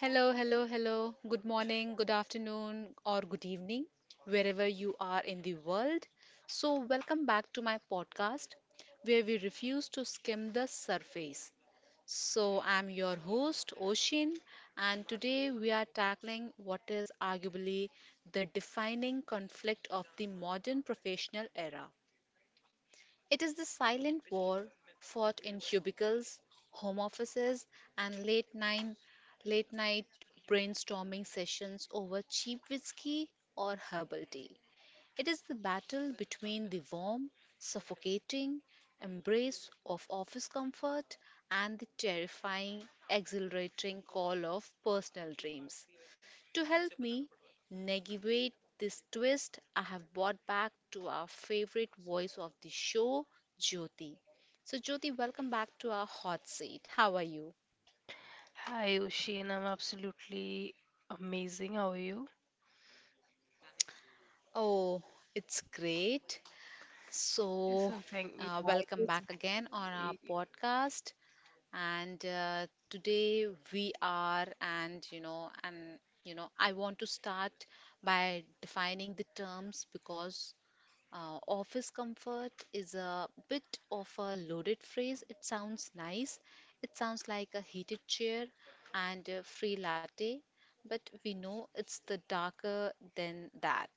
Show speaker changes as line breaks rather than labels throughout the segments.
Hello, hello, hello. Good morning, good afternoon, or good evening, wherever you are in the world. So, welcome back to my podcast where we refuse to skim the surface. So, I'm your host, Oshin, and today we are tackling what is arguably the defining conflict of the modern professional era. It is the silent war fought in cubicles, home offices, and late night brainstorming sessions over cheap whiskey or herbal tea. It is the battle between the warm, suffocating embrace of office comfort and the terrifying, exhilarating call of personal dreams. To help me navigate this twist, I have brought back to our favorite voice of the show, Jyoti. So, Jyoti, welcome back to our hot seat. How are you?
Hi, Ushin. I'm absolutely amazing. How are you?
Oh, it's great. So,
So thank you. Yeah,
welcome
it is
back again on our
g-
podcast. And today we are and you know I want to start by defining the terms, because office comfort is a bit of a loaded phrase. It sounds nice. It sounds like a heated chair and a free latte, but we know it's the darker than that.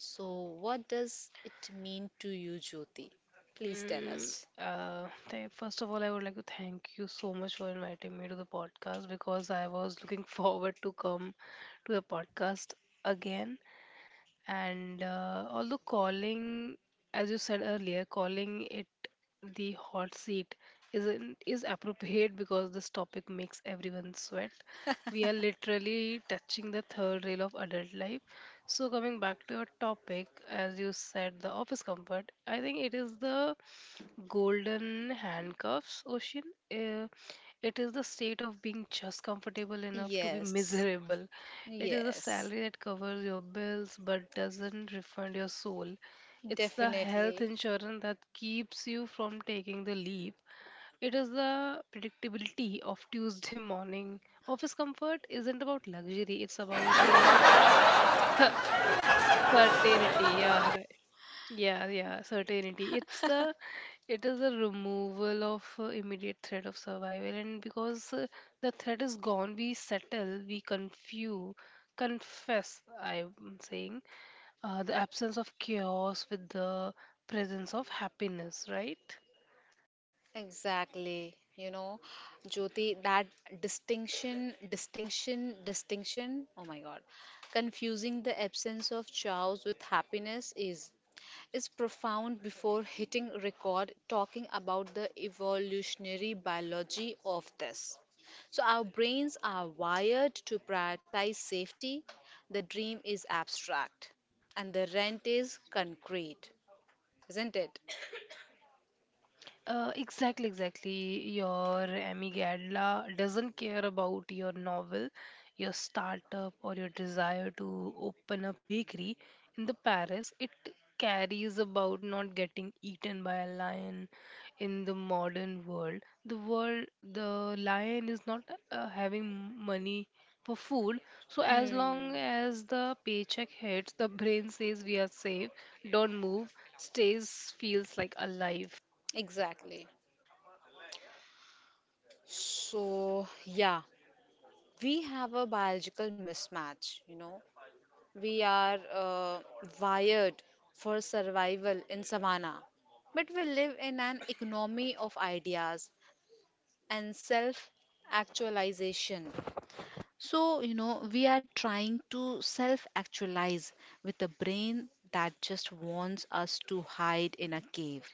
So, what does it mean to you, Jyoti? Please tell
Mm,
us.
first of all, I would like to thank you so much for inviting me to the podcast because I was looking forward to come to the podcast again and although calling as you said earlier calling it the hot seat is appropriate because this topic makes everyone sweat. We are literally touching the third rail of adult life. So coming back to your topic, as you said, the office comfort, I think it is the golden handcuffs, Ocean. uh, it is the state of being just comfortable enough to be
Yes,
miserable. It is a
yes.
salary that covers your bills but doesn't refund your soul. It's the health
Definitely.
insurance that keeps you from taking the leap. It is the predictability of Tuesday morning. Office comfort isn't about luxury, it's about certainty. Yeah, right. Yeah, yeah, certainty. It is the removal of immediate threat of survival, and because the threat is gone, we settle, we confuse, confess. I'm saying the absence of chaos with the presence of happiness, right?
Exactly. You know, Jyoti, that distinction, oh my God, confusing the absence of chows with happiness is profound before hitting record talking about the evolutionary biology of this. So our brains are wired to prioritize safety. The dream is abstract and the rent is concrete, isn't it?
Exactly, exactly. Your amygdala doesn't care about your novel, your startup, or your desire to open a bakery. In the Paris, it carries about not getting eaten by a lion. In the modern world, the lion is not having money for food. So as
Hmm.
long as the paycheck hits, the brain says we are safe. Don't move. Stays feels like alive.
Exactly. So, yeah, we have a biological mismatch. We are wired for survival in savannah, but we live in an economy of ideas and self actualization. So, we are trying to self actualize with a brain that just wants us to hide in a cave,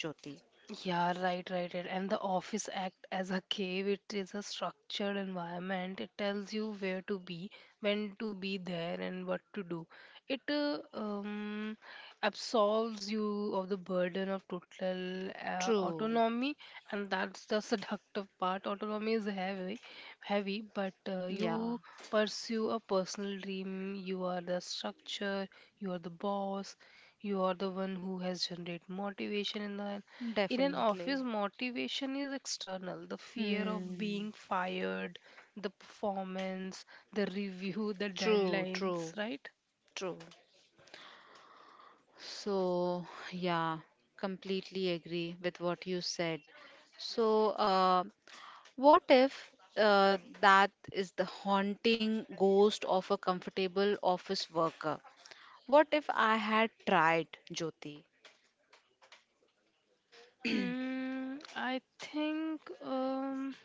Jyoti.
Yeah, right, right, right. And the office act as a cave, it is a structured environment. It tells you where to be, when to be there, and what to do. It absolves you of the burden of total
True.
autonomy, and that's the seductive part. Autonomy is heavy, heavy, but
Yeah,
you pursue a personal dream. You are the structure. You are the boss. You are the one who has generated motivation in the end. In an office,
definitely.
motivation is external: the fear of
Hmm.
being fired, the performance, the review, the
True, true,
deadlines, right?
true. So, yeah, completely agree with what you said. So, what if that is the haunting ghost of a comfortable office worker? What if I had tried, Jyoti?
I think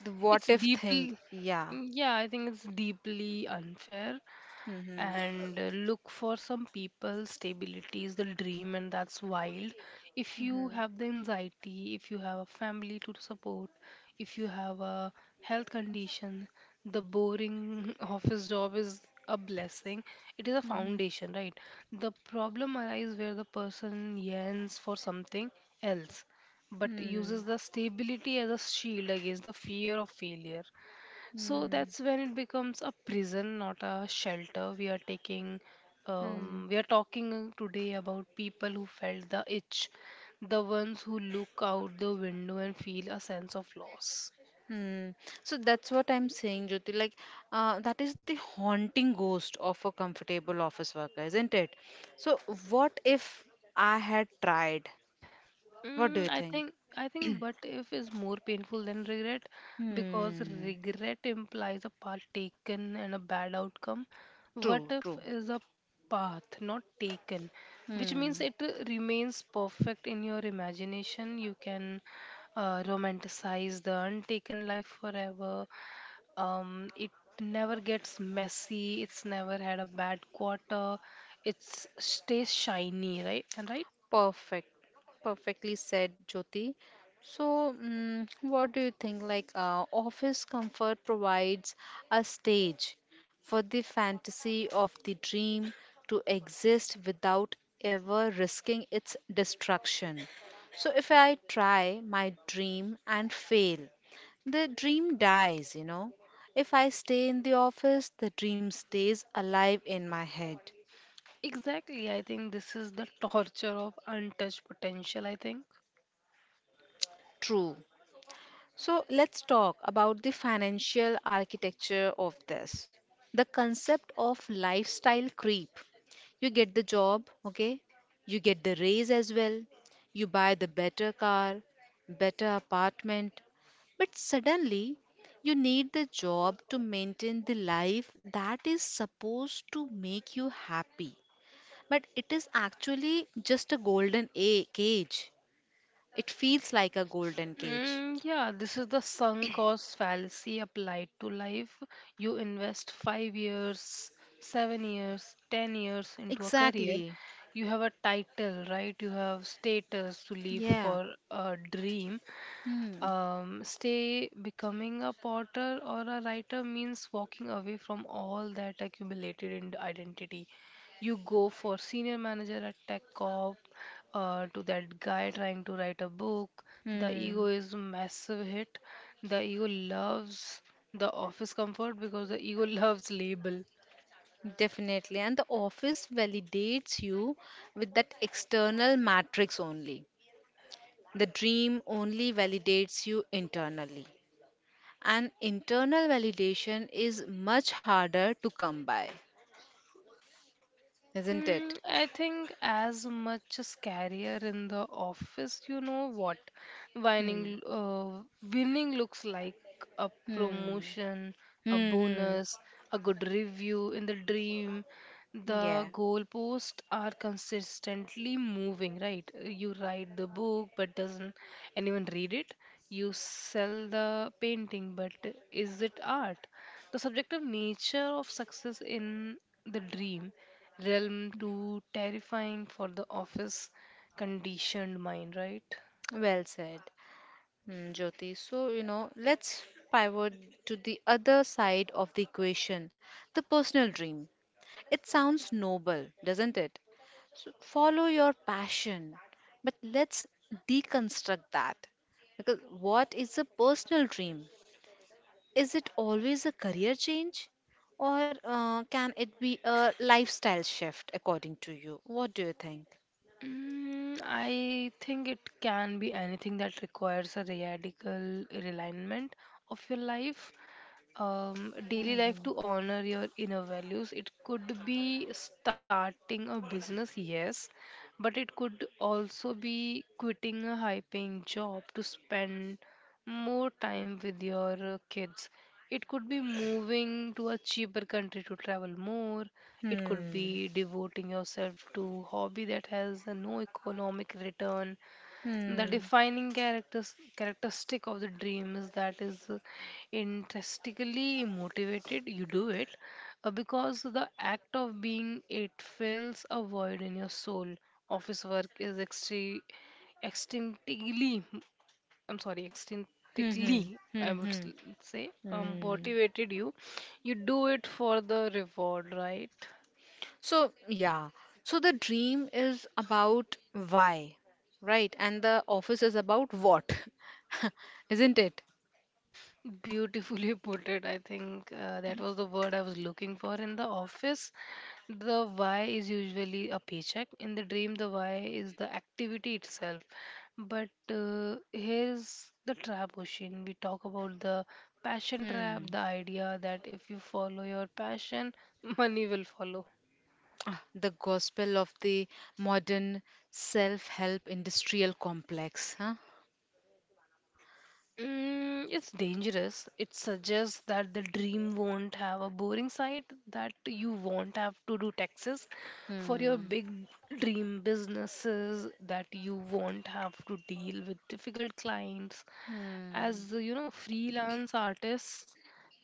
The what
it's
if thing,
deeply
yeah.
yeah I think it's deeply unfair.
Mm-hmm.
And look, for some people stability is the dream, and that's wild. If you
Mm-hmm.
have the anxiety, if you have a family to support, if you have a health condition, the boring office job is a blessing. It is a foundation, right? The problem arises where the person yearns for something else but uses
Mm-hmm.
the stability as a shield against the fear of failure. So
Mm-hmm.
that's when it becomes a prison, not a shelter. We are talking today about people who felt the itch, the ones who look out the window and feel a sense of loss.
Hmm. So that's what I'm saying, Jyoti. Like, that is the haunting ghost of a comfortable office worker, isn't it? So, what if I had tried? What do you
I
think?
think what if is more painful than regret, because
Hmm.
regret implies a path taken and a bad outcome. What
True,
if
true.
is a path not taken, which means
Hmm.
it remains perfect in your imagination. You can romanticize the untaken life forever. It never gets messy. It's never had a bad quarter. It's stays shiny, right? And right.
Perfect. Perfectly said, Jyoti. So, what do you think? Like, office comfort provides a stage for the fantasy of the dream to exist without ever risking its destruction. So, if I try my dream and fail, the dream dies. If I stay in the office, the dream stays alive in my head.
Exactly. I think this is the torture of untouched potential, I think.
True. So let's talk about the financial architecture of this. The concept of lifestyle creep. You get the job, okay? You get the raise as well. You buy the better car, better apartment. But suddenly, you need the job to maintain the life that is supposed to make you happy. But it is actually just a golden cage. It feels like a golden cage.
Yeah, this is the sunk cost fallacy applied to life. You invest 5 years, 7 years, 10 years into a career.
Exactly.
You have a title, right? You have status to live
Yeah.
for a dream.
Hmm.
Stay becoming a potter or a writer means walking away from all that accumulated in identity. You go for senior manager at tech corp, to that guy trying to write a book. The ego
Hmm.
is massive hit. The ego loves the office comfort because the ego loves label.
Definitely. And the office validates you with that external matrix only. The dream only validates you internally. And internal validation is much harder to come by, isn't it?
I think as much as career in the office, you know what
Hmm.
winning looks like: a
Hmm.
promotion, a
Hmm. Hmm.
bonus, a good review. In the dream,
Yeah.
the goalposts are consistently moving, right? You write the book, but doesn't anyone read it? You sell the painting, but is it art? The subjective nature of success in the dream realm too terrifying for the office conditioned mind, right?
Well said, Jyoti. So, let's pivot to the other side of the equation, the personal dream. It sounds noble, doesn't it? So follow your passion. But let's deconstruct that. Because what is a personal dream? Is it always a career change? Or can it be a lifestyle shift according to you? What do you think?
I think it can be anything that requires a radical realignment of your life, daily life, to honor your inner values. It could be starting a business, yes, but it could also be quitting a high paying job to spend more time with your kids. It could be moving to a cheaper country to travel more. It could
Hmm.
be devoting yourself to hobby that has a no economic return. The
Hmm.
defining characters characteristic of the dream is that is intrinsically motivated. You do it because the act of being it fills a void in your soul. Office work is extremely extinctly I'm sorry,
Hmm. Hmm.
extrinsically,
Hmm. Hmm.
say,
Hmm.
motivated you. You do it for the reward, right?
So, yeah. So the dream is about why, right? And the office is about what, isn't it?
Beautifully put it. I think that was the word I was looking for. In the office, the why is usually a paycheck. In the dream, the why is the activity itself. But here's the trap, Ocean. We talk about the passion trap, the
Hmm.
idea that if you follow your passion, money will follow.
Ah, the gospel of the modern self-help industrial complex, huh?
It's dangerous. It suggests that the dream won't have a boring side, that you won't have to do taxes for your
Hmm.
big dream businesses, that you won't have to deal with difficult clients.
Hmm.
As you know, freelance artists,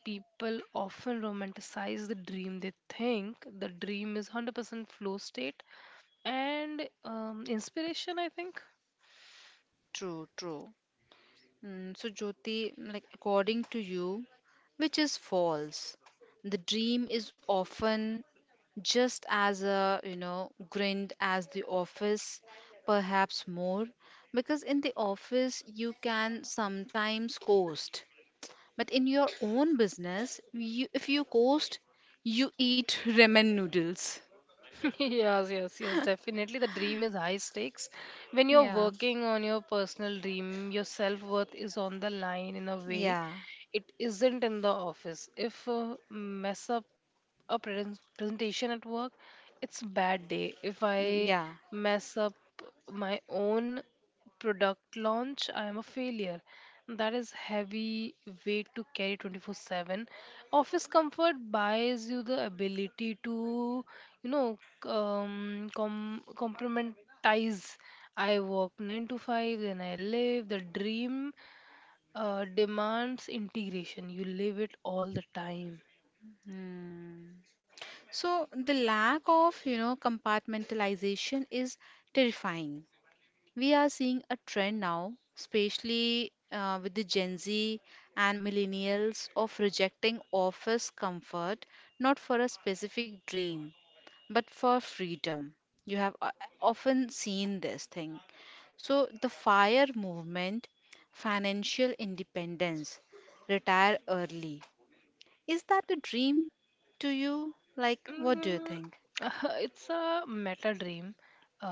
people often romanticize the dream. They think the dream is 100% flow state and inspiration, I think.
True, true. Hmm. So, Jyoti, like according to you, which is false, the dream is often just as a, grind as the office, perhaps more, because in the office you can sometimes coast, but in your own business, you, if you coast you eat ramen noodles.
Yes, yes, yes, definitely. The dream is high stakes. When you're
Yeah,
working on your personal dream, your self worth is on the line in a
yeah,
way. It isn't in the office. If mess up a presentation at work, it's a bad day. If I
yeah.
mess up my own product launch, I am a failure. That is heavy weight to carry 24/7. Office comfort buys you the ability to, you know, complementize. I work 9 to 5, then I live. The dream demands integration. You live it all the time.
Hmm. So the lack of compartmentalization is terrifying. We are seeing a trend now, especially with the Gen Z and millennials, of rejecting office comfort not for a specific dream, but for freedom. You have often seen this thing. So, the FIRE movement, financial independence, retire early. Is that a dream to you? Like, what do you
Mm,
think?
it's a meta dream.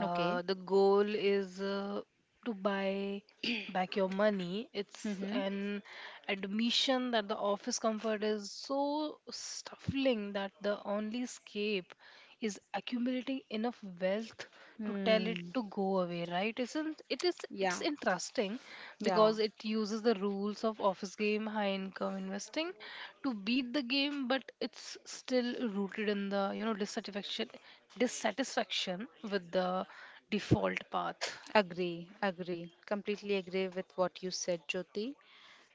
Okay.
The goal is to buy back your money. It's
Mm-hmm.
an admission that the office comfort is so stifling that the only escape is accumulating enough wealth to tell it
Hmm.
to go away, right? Isn't it? Is it's
Yeah.
interesting
Yeah.
because it uses the rules of office game, high income investing, to beat the game, but it's still rooted in the you know dissatisfaction with the default path.
Agree, agree. Completely agree with what you said, Jyoti.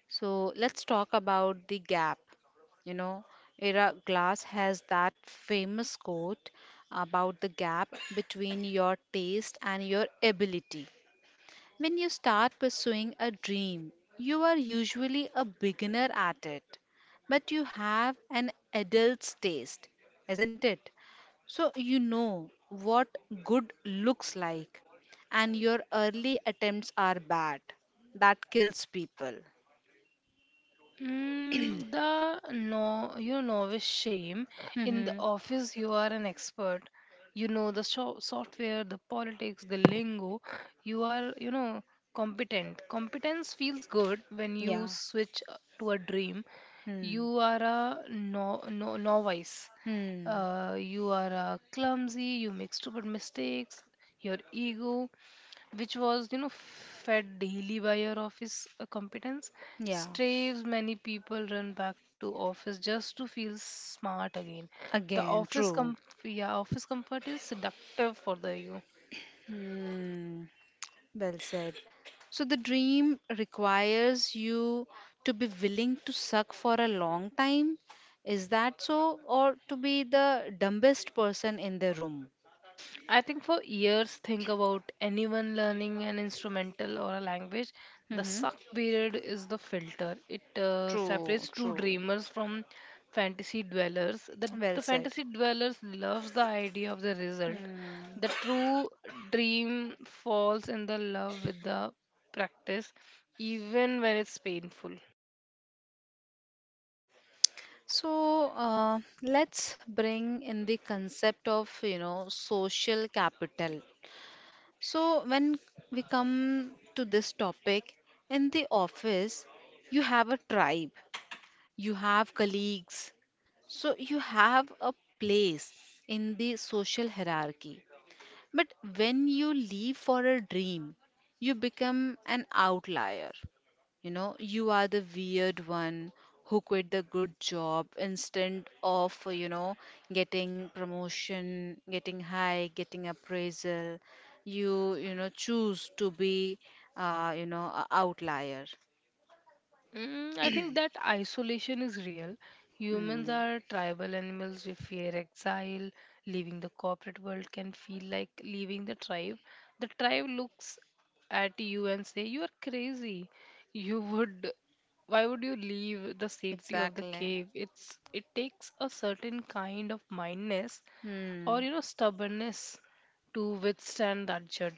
So let's talk about the gap. You know, Ira Glass has that famous quote about the gap between your taste and your ability. When you start pursuing a dream, you are usually a beginner at it, but you have an adult's taste, isn't it? So you know what good looks like, and your early attempts are bad. That kills people.
The no, you novice shame. In the
Hmm.
office, you are an expert. You know the software, the politics, the lingo. You are, you know, competent. Competence feels good when you
Yeah.
switch to a dream.
Hmm.
You are a no, no, novice.
Hmm.
You are clumsy. You make stupid mistakes. Your ego, which was you know fed daily by your office competence,
Yeah.
straves. Many people run back to office just to feel smart again. the
Again,
office
true.
com- yeah, office comfort is seductive for the ego.
Hmm. Well said. So the dream requires you to be willing to suck for a long time. Is that so? Or to be the dumbest person in the room?
I think for years, think about anyone learning an instrumental or a language. The
Hmm.
suck period is the filter. It
True.
separates true
True.
dreamers from fantasy dwellers. The
Well said.
fantasy dwellers loves the idea of the result.
Hmm.
The true dream falls in the love with the practice, even when it's painful.
So let's bring in the concept of social capital. So when we come to this topic, in the office, you have a tribe, you have colleagues, so you have a place in the social hierarchy. But when you leave for a dream, you become an outlier. You are the weird one who quit the good job instead of, getting promotion, getting high, getting appraisal. You choose to be, a outlier.
I think that isolation is real. Humans
Hmm.
are tribal animals. We fear exile. Leaving the corporate world can feel like leaving the tribe. The tribe looks at you and say, "You are crazy. You would, why would you leave the safety of the
Exactly.
cave?" It's it takes a certain kind of mindness
Hmm.
or you know stubbornness to withstand that judge.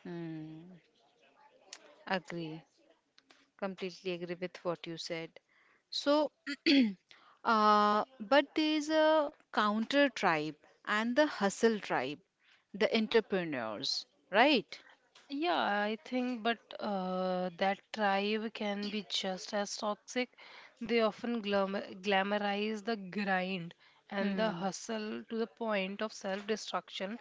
Hmm. Agree. Completely agree with what you said. So, but there's a counter tribe and the hustle tribe, the entrepreneurs, right?
Yeah, I think, but that tribe can be just as toxic. They often glamorize the grind and the
Hmm.
hustle to the point of self destruction.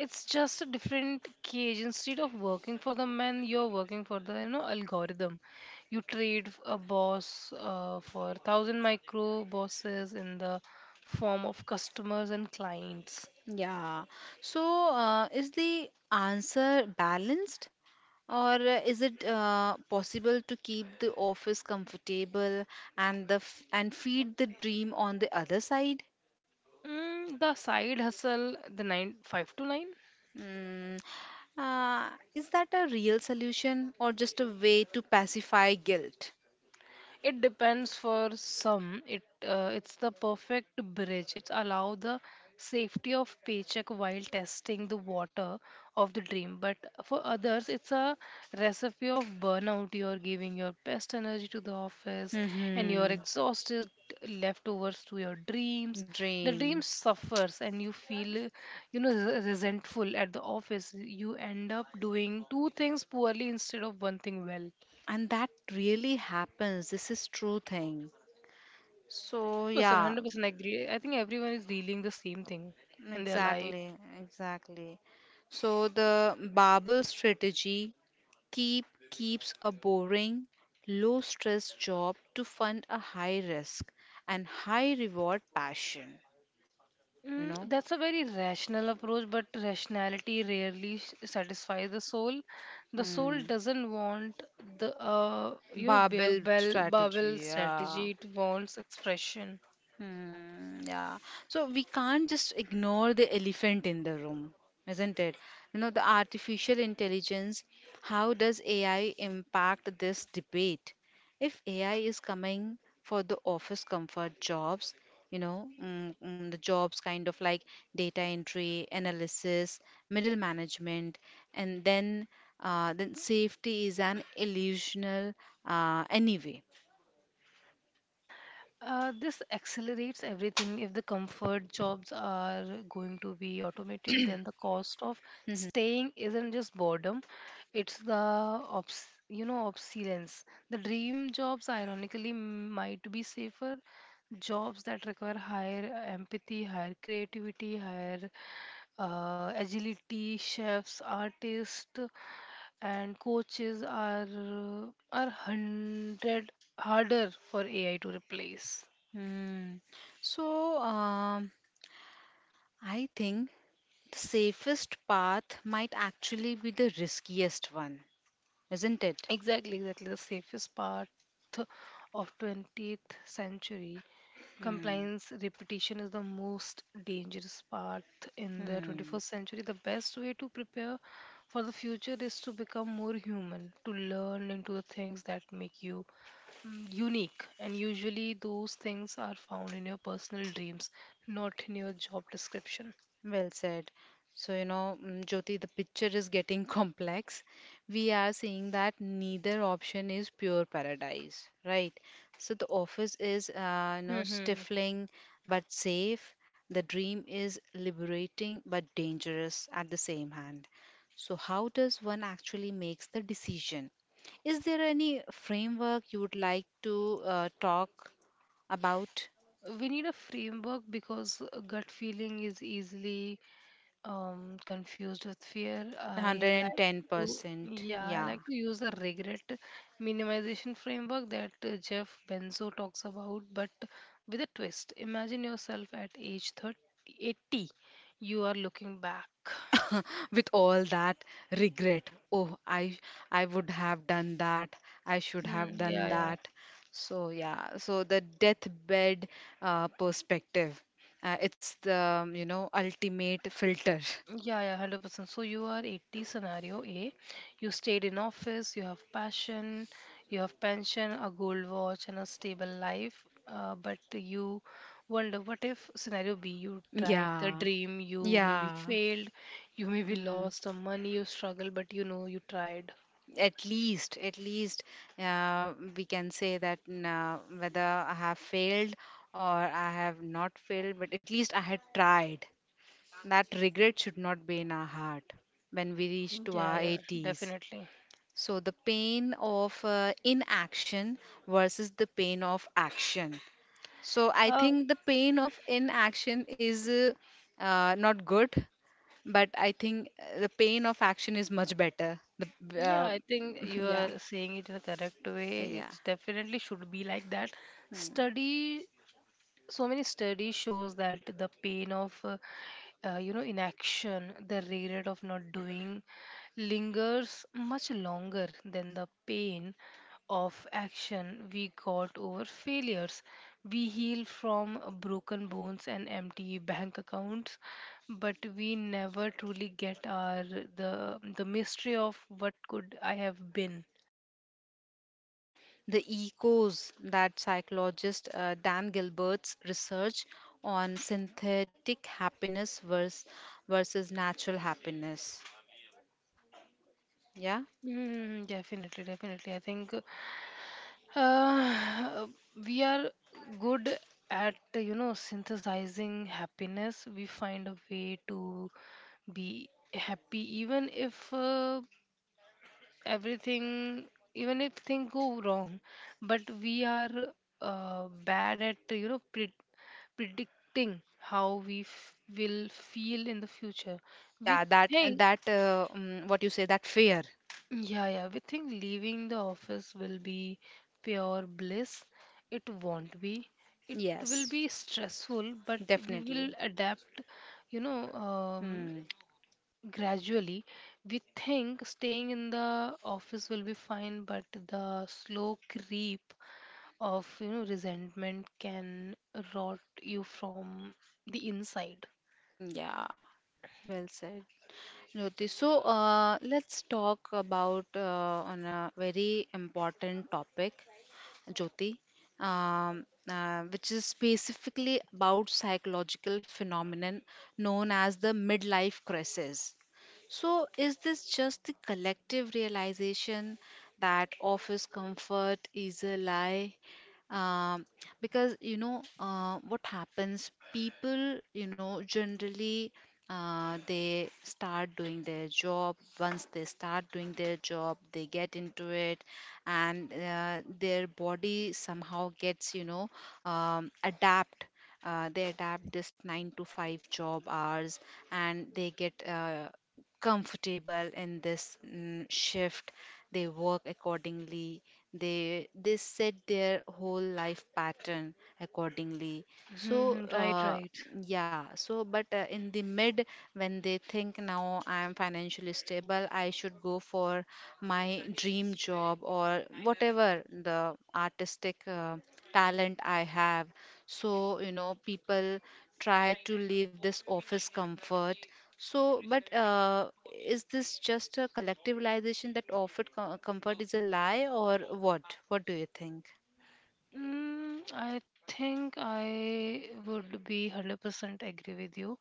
It's just a different cage. Instead of working for the man, you're working for the you know algorithm. You trade a boss for thousand micro bosses in the form of customers and clients.
Yeah. So, is the answer balanced, or is it possible to keep the office comfortable and feed the dream on the other side?
The side hustle, the 9-5 to nine.
Mm, uh, is that a real solution or just a way to pacify guilt?
It depends for some. It's the perfect bridge. It allow the safety of paycheck while testing the water of the dream. But for others, it's a recipe of burnout. You're giving your best energy to the office, and you're
Hmm.
exhausted leftovers to your dreams. The
Dream.
dream suffers, and you feel, you know, resentful at the office. You end up doing two things poorly instead of one thing well.
And that really happens. This is true thing. So
100%,
yeah,
100% agree. I think everyone is dealing the same thing in their life.
exactly, exactly. So the bubble strategy keep keeps a boring, low stress job to fund a high risk and high reward passion, you know.
That's a very rational approach, but rationality rarely satisfies the soul. The soul
Hmm.
doesn't want the you know bare
Babel
bell bubble
strategy, yeah.
strategy. It wants expression.
Hmm, yeah. So we can't just ignore the elephant in the room, isn't it? The artificial intelligence, how does AI impact this debate? If AI is coming for the office comfort jobs, the jobs kind of like data entry, analysis, middle management, and then safety is an illusional anyway.
This accelerates everything. If the comfort jobs are going to be automated, then the cost of staying isn't just boredom; it's the obsolescence. The dream jobs, ironically, might be safer jobs that require higher empathy, higher creativity, higher agility. Chefs, artists and coaches are 100 harder for AI to replace.
Hmm. So, I think the safest path might actually be the riskiest one, isn't it?
Exactly, exactly, the safest part of 20th century
Hmm.
compliance repetition is the most dangerous part in the
Hmm.
21st century. The best way to prepare for the future is to become more human, to learn into the things that make you unique, and usually those things are found in your personal dreams, not in your job description.
Well said. So, Jyoti, the picture is getting complex. We are seeing that neither option is pure paradise, right? So, the office is,
Hmm.
stifling but safe. The dream is liberating but dangerous at the same hand. So, how does one actually makes the decision? Is there any framework you would like to talk about?
We need a framework because gut feeling is easily confused with fear. I like to,
110%.
yeah, I
Yeah.
like to use the regret minimization framework that Jeff Benzo talks about, but with a twist. Imagine yourself at age 30, 80. You are looking back.
With all that regret, oh, I would have done that, I should
Mm,
have done
yeah, yeah.
that. So yeah, so the deathbed perspective, it's the ultimate filter.
Yeah, yeah, 100%. So you are 80, scenario A. You stayed in office, you have passion, you have pension, a gold watch, and a stable life. But you wonder, what if scenario B, you tried the
Yeah,
dream, you maybe
yeah.
failed, you maybe
Mm.
lost some money, you struggle, but you know you tried.
At least, we can say that, nah, whether I have failed or I have not failed, but at least I had tried. That regret should not be in our heart when we reach to
Yeah,
our
yeah,
80s.
definitely.
So the pain of inaction versus the pain of action. So I
Uh,
think the pain of inaction is not good, but I think the pain of action is much better. the,
yeah,
uh,
I think you
Yeah,
are saying it in a correct way.
yeah.
It definitely should be like that. Study So many studies shows that the pain of you know, inaction, the regret of not doing, lingers much longer than the pain of action. We got over failures, we heal from broken bones and empty bank accounts, but we never truly get our the mystery of what could I have been.
The echoes that psychologist Dan Gilbert's research on synthetic happiness versus natural happiness. Yeah,
Mm, definitely, definitely. I think, Uh, we are good at, you know, synthesizing happiness. We find a way to be happy even if everything, even if things go wrong. But we are bad at, you know, predicting how we will feel in the future. We
yeah, that
think
that what you say that fear.
Yeah, yeah. We think leaving the office will be pure bliss. It won't be. It will
Yes,
be stressful, but we will
definitely.
adapt, you know, um,
Hmm.
gradually. We think staying in the office will be fine, but the slow creep of, you know, resentment can rot you from the inside.
Yeah, well said, Jyoti. So let's talk about, on a very important topic, Jyoti, which is specifically about psychological phenomenon known as the midlife crisis. So, is this just the collective realization that office comfort is a lie? um, because what happens, people generally they start doing their job. Once they start doing their job, they get into it, and their body somehow gets adapt. They adapt this 9 to 5 job hours, and they get comfortable in this shift. They work accordingly. They set their whole life pattern accordingly. So
Hmm. Right, right.
yeah, so but in the mid, when they think, now I am financially stable, I should go for my dream job or whatever the artistic talent I have. So people try to leave this office comfort. So, but is this just a collectivization that offered comfort is a lie, or what? What do you think?
Mm, I think I would be 100% agree with you.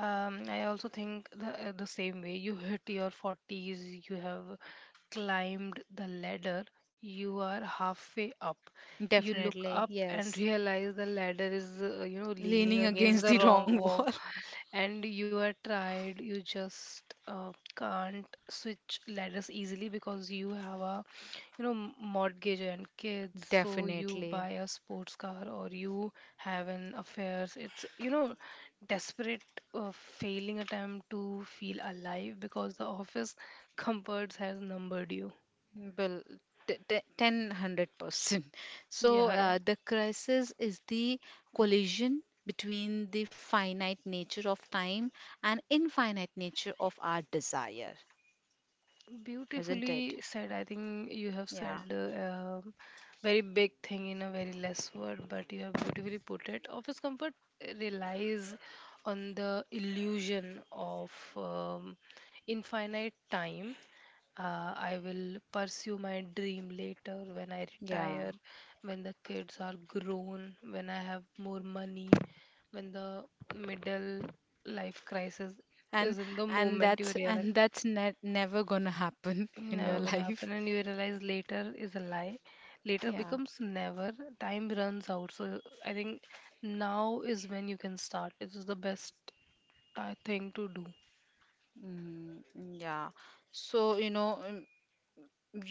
I also think the same way. You hit your 40s, you have climbed the ladder, you are halfway up. You look
Definitely,
up and
yes.
realize the ladder is, you know, leaning
Leaning
against
against
the
the
wrong
wrong wall.
and you are tired. You just can't switch ladders easily because you have a, you know, mortgage and kids, so you
Definitely.
buy a sports car or you have an affairs. It's, you know, desperate, failing attempt to feel alive because the office comforts has numbered you.
Well, 10, 100%. So,
Yeah, yeah.
the crisis is the collision between the finite nature of time and infinite nature of our desire, isn't it?
Beautifully said. I think you have
Yeah,
said very big thing in a very less word, but you have beautifully put it. Office comfort relies on the illusion of um, infinite time. I will pursue my dream later, when I
yeah.
retire, when the kids are grown, when I have more money, when the middle life crisis
and
is. In the
and
moment you
that's
realize.
and that's ne- never gonna happen in your
Never gonna
life.
happen, and you realize later is a lie. Later
Yeah.
becomes never. Time runs out. So I think now is when you can start. This is the best thing to do.
Mm, yeah. So,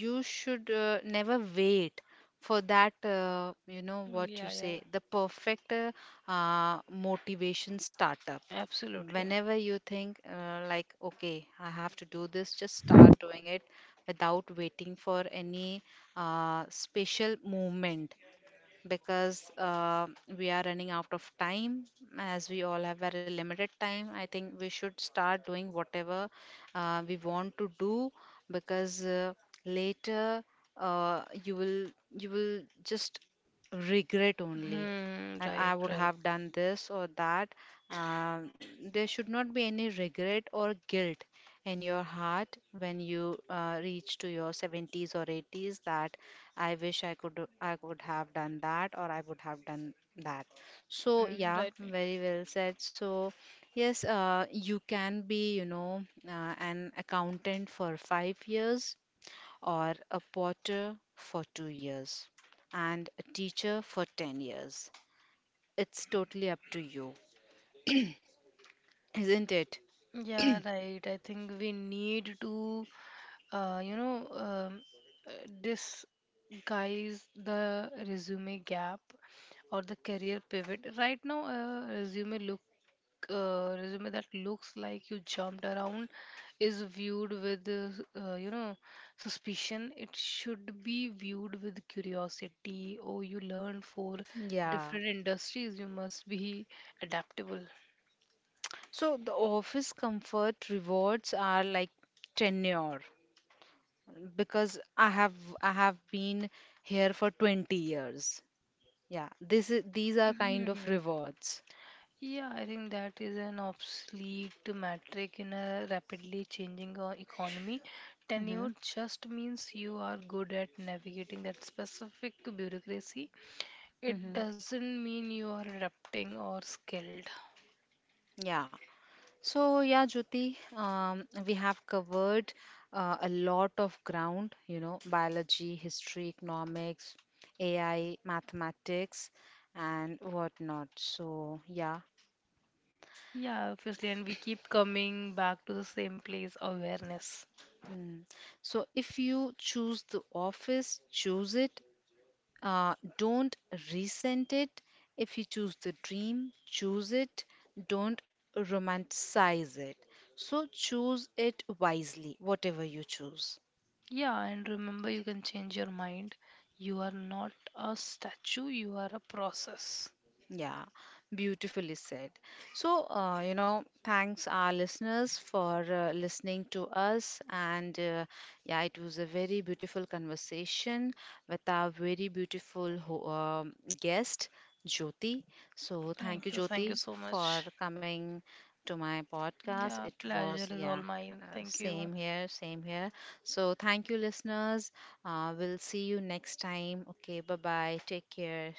you should never wait for that, what you
Yeah,
say,
yeah.
the perfect motivation startup.
Absolutely.
Whenever you think, like, okay, I have to do this, just start doing it without waiting for any special moment, because we are running out of time. As we all have very limited time, I think we should start doing whatever we want to do, because later uh, you will you will just regret only.
Hmm.
And I
Right.
would
Right.
have done this or that um, there should not be any regret or guilt in your heart when you reach to your 70s or 80s, that I wish I could have done that or I would have done that. So
Hmm.
yeah,
Right.
very well said. So yes, you can be an accountant for 5 years or a potter for 2 years and a teacher for 10 years. It's totally up to you, isn't it?
Right. Yeah. Right. I think we need to, uh, you know, um, uh, disguise the resume gap or the career pivot. Right now, resume that looks like you jumped around is viewed with, you know, suspicion. It should be viewed with curiosity. Oh, you learned for
Yeah.
different industries, you must be adaptable.
So the office comfort rewards are like tenure because I have been here for 20 years. Yeah, this is these are kind of
Mhm.
rewards.
Yeah, I think that is an obsolete metric in a rapidly changing economy. Tenure
Hmm.
just means you are good at navigating that specific bureaucracy. It
Hmm.
doesn't mean you are adapting or skilled.
Yeah. So yeah, Jyoti, we have covered a lot of ground. You know, biology, history, economics, AI, mathematics, and whatnot. So yeah.
Yeah, obviously, and we keep coming back to the same place, awareness.
Mm. So if you choose the office, choose it. Don't resent it. If you choose the dream, choose it. Don't romanticize it. So choose it wisely, whatever you choose.
Yeah, and remember, you can change your mind. You are not a statue, you are a process.
Yeah, beautifully said. So, thanks our listeners for listening to us. And yeah, it was a very beautiful conversation with our very beautiful guest, Jyoti. So, thank you,
Thank you
Jyoti,
so much.
for coming to my podcast.
Yeah,
It was,
pleasure is all
yeah,
mine. Thank you.
same here, same here. So, thank you, listeners. We'll see you next time. Okay, bye bye. Take care.